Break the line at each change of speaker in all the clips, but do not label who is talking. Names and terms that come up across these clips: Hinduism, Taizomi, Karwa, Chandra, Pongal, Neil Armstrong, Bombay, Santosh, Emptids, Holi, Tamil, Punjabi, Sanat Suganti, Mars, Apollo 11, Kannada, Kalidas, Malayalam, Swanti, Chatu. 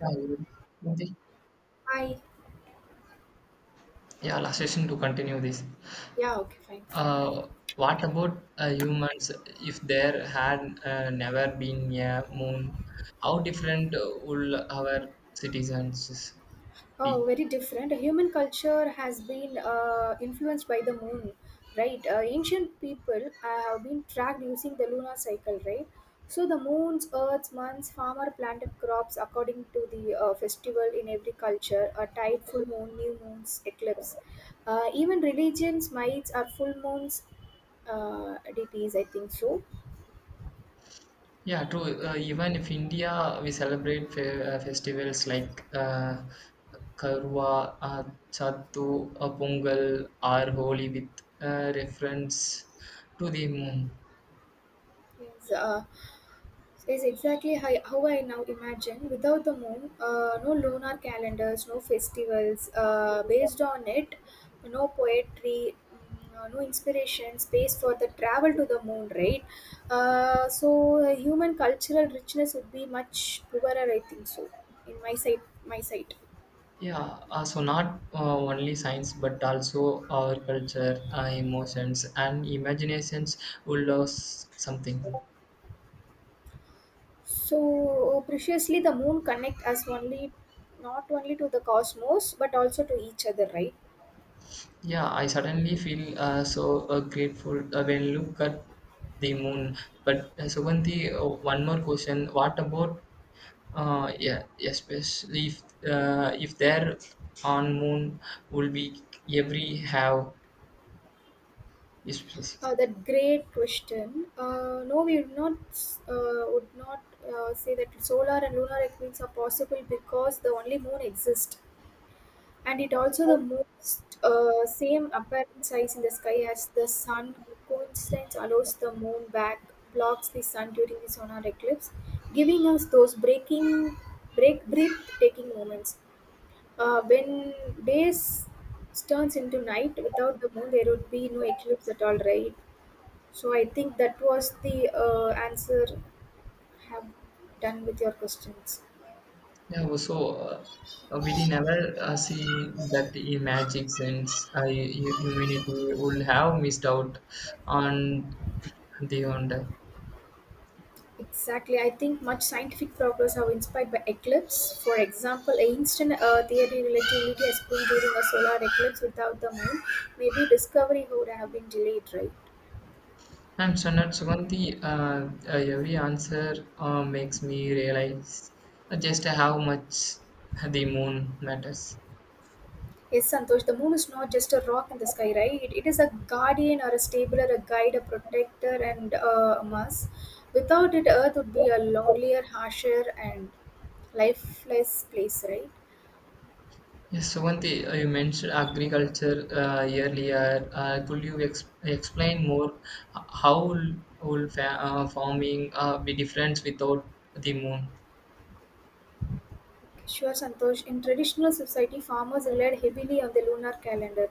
Yeah, you will- in the-
I
yeah, last question to continue this.
Yeah, okay, fine.
Uh, what about humans? If there had never been a moon, how different would our citizens
Oh,
be?
very different. Human culture has been influenced by the moon, right? Ancient people have been tracked using the lunar cycle, right? So the moon's, earth's, months, farmer planted crops according to the festival in every culture. A tide, full moon, new moons, eclipse. Even religions, mites are full moons deities, I think so.
Yeah, true. Even if India, we celebrate festivals like Karwa, Chatu, Pongal, or Holi with reference to the moon.
Yes, uh, is exactly how I now imagine. Without the moon, no lunar calendars, no festivals. Based on it, no poetry, no inspiration, space for the travel to the moon, right? Human cultural richness would be much poorer, I think so. In my sight.
Yeah, so not only science but also our culture, emotions, and imaginations will lose something.
So preciously, the moon connect us only, not only to the cosmos, but also to each other, right?
Yeah, I certainly feel so grateful when look at the moon. But Suganti, one more question: What about yeah, especially if there on moon will be every have is.
That great question. No, we would not say that solar and lunar eclipses are possible because the only moon exists, and it also the most same apparent size in the sky as the sun. Coincidence allows the moon back blocks the sun during the solar eclipse, giving us those breaking break breathtaking moments. When days turns into night without the moon, there would be no eclipse at all, right? So I think that was the answer have done with your questions.
Yeah, well, we did never see that the magic sense humanity would have missed out on the wonder.
Exactly. I think much scientific progress have inspired by eclipse. For example, a instant theory relativity has been during a solar eclipse without the moon. Maybe discovery would have been delayed, right?
I'm Sanat Suganti. Every answer makes me realize just how much the moon matters.
Yes, Santosh, the moon is not just a rock in the sky, right? It is a guardian or a stabilizer, a guide, a protector, and a mass. Without it, Earth would be a lonelier, harsher, and lifeless place, right?
Yes, Suganti, you mentioned agriculture earlier. Could you ex explain more how will fa farming be different without the moon?
Sure, Santosh. In traditional society, farmers relied heavily on the lunar calendar.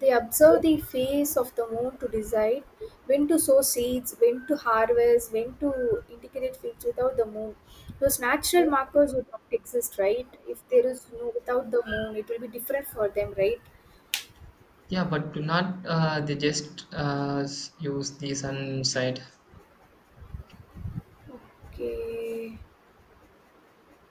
They observed the phase of the moon to decide when to sow seeds, when to harvest, when to integrate fields without the moon. Those natural markers would not exist, right? If there is no without the moon, it will be different for them, right?
Yeah, but do not they just use the sun side?
Okay.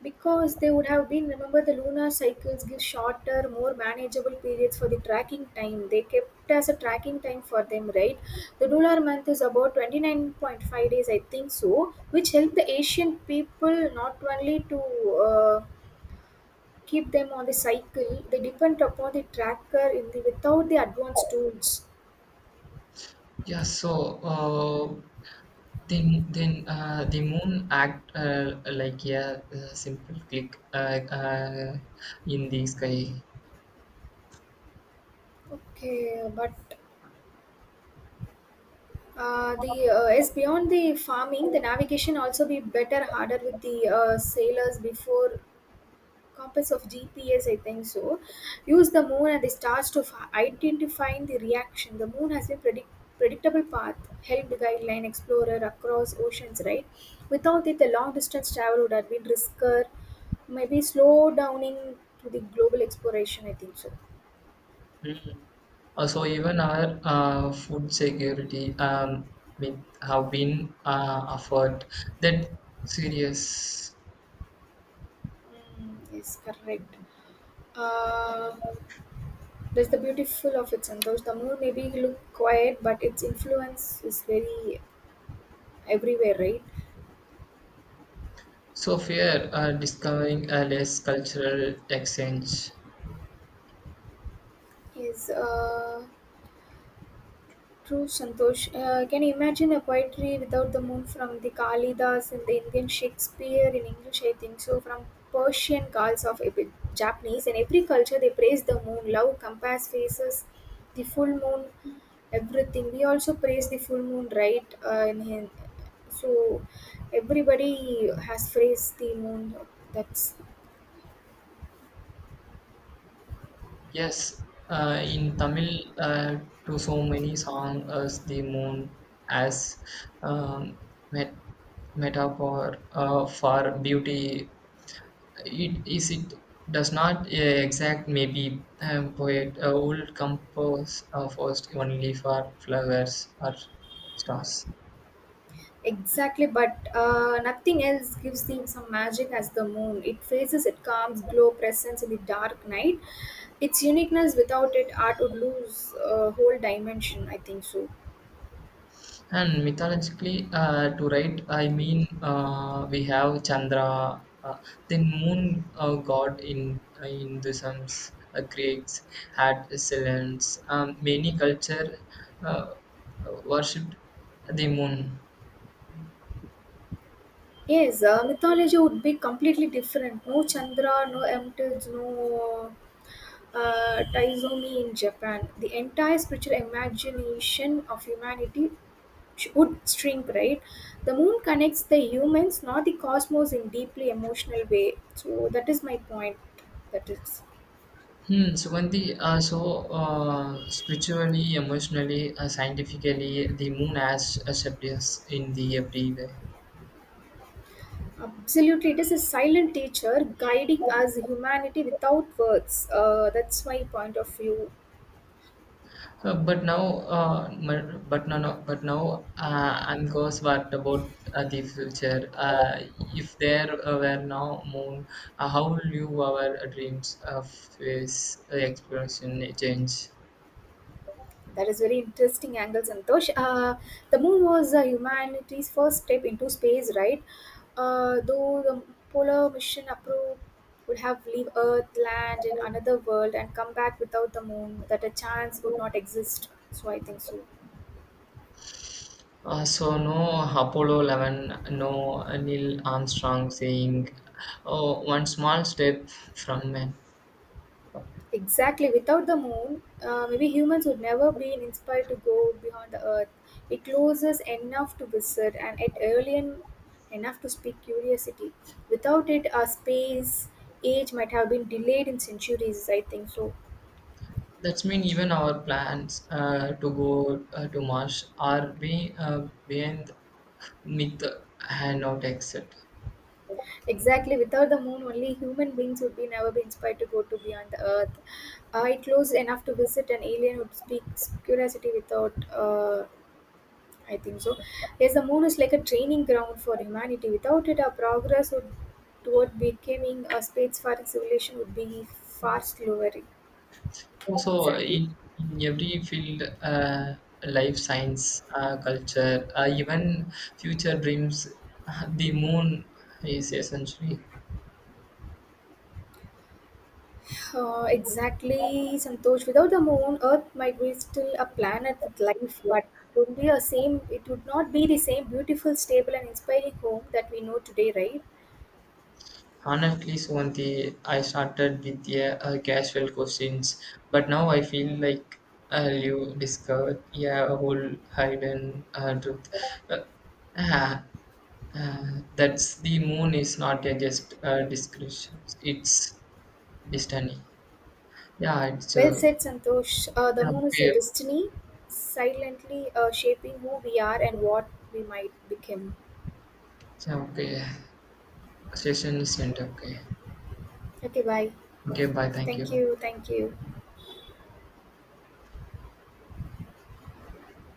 Because they would have been remember the lunar cycles give shorter, more manageable periods for the tracking time. They kept as a tracking time for them, right? The lunar month is about 29.5 days, I think so, which helped the Asian people not only to uh, keep them on the cycle, they depend upon the tracker in the without the advanced tools.
Yeah, so then the moon act like yeah, a simple click in the sky.
Okay, but the as beyond the farming, the navigation also be better harder with the sailors before compass of GPS, I think so, use the moon and the stars to identifying the reaction. The moon has been predictable path helped guideline explorer across oceans, right? Without it, the long distance travel would have been risker, maybe slow downing to the global exploration, I think so.
Mm. So even our food security with have been offered that serious.
Mm, yes, correct. Uh, that's the beautiful of it, Santosh. The moon maybe look quiet, but its influence is very everywhere, right?
So fear discovering a less cultural exchange.
Yes. True, Santosh. Can you imagine a poetry without the moon from the Kalidas and the Indian Shakespeare in English? I think so. From Persian calls of Japanese, in every culture they praise the moon, love, compass, faces, the full moon, everything. We also praise the full moon, right? In Hin- so Everybody has praised the moon. That's
Yes, in Tamil, uh, to so many songs as the moon, as um, met- metaphor for beauty. It is it does not exact maybe poet would compose first only for flowers or stars.
exactly, but nothing else gives the some magic as the moon. It faces it calms, glow presence in the dark night. Its uniqueness without it, art would lose whole dimension, I think so.
And mythologically, to write, I mean, we have Chandra, the moon god in Hinduism, Greeks had excellence. Many culture uh, worshipped the moon.
Yes, mythology would be completely different. No Chandra, no Emptids, no Taizomi in Japan. The entire spiritual imagination of humanity would shrink, right? The moon connects the humans not the cosmos in deeply emotional way, so that is my point. That is
Hmm, Sugandhi, so spiritually, emotionally, scientifically, the moon has shaped us in the every way.
absolutely it is a silent teacher guiding us humanity without words, that's my point of view.
But now, but no, no, but now, and goes what about the future? If there were no moon, how will you our dreams of this exploration change?
That is very interesting angle, Santosh. The moon was humanity's first step into space, right? Though the polar mission approach would have leave Earth, land in another world, and come back without the moon, that a chance would not exist, so I think so.
So no Apollo 11, no Neil Armstrong saying, "Oh, one small step from man."
Exactly. Without the moon, maybe humans would never be inspired to go beyond the earth. It closes enough to visit and it alien enough to speak curiosity. Without it, our space age might have been delayed in centuries, I think so.
That's mean even our plans to go to Mars are being behind Nick had not accepted.
Exactly. Without the moon, only human beings would be never be inspired to go to beyond the earth. It closes enough to visit an alien would speak curiosity without I think so. Yes, the moon is like a training ground for humanity. Without it, our progress would, toward becoming a spacefaring civilization would be far slower.
So
Exactly.
in every field, life science, culture, even future dreams, the moon is essentially.
Exactly, Santosh. Without the moon, Earth might be still a planet with life, but it would be a same. It would not be the same beautiful, stable, and inspiring home that we know today, right?
Honestly, Swanti, I started with a, casual questions, but now I feel like you discovered yeah, a whole hidden truth. Uh, ah, uh, that's the moon is not a just description; it's destiny. Yeah, it's
Well said, Santosh. The
yeah,
moon is a
okay.
destiny, silently shaping who we are and what we might become.
It's, okay. Session is end. Okay.
Okay, bye.
Okay, bye. Thank
Thank
you.
you. Thank you.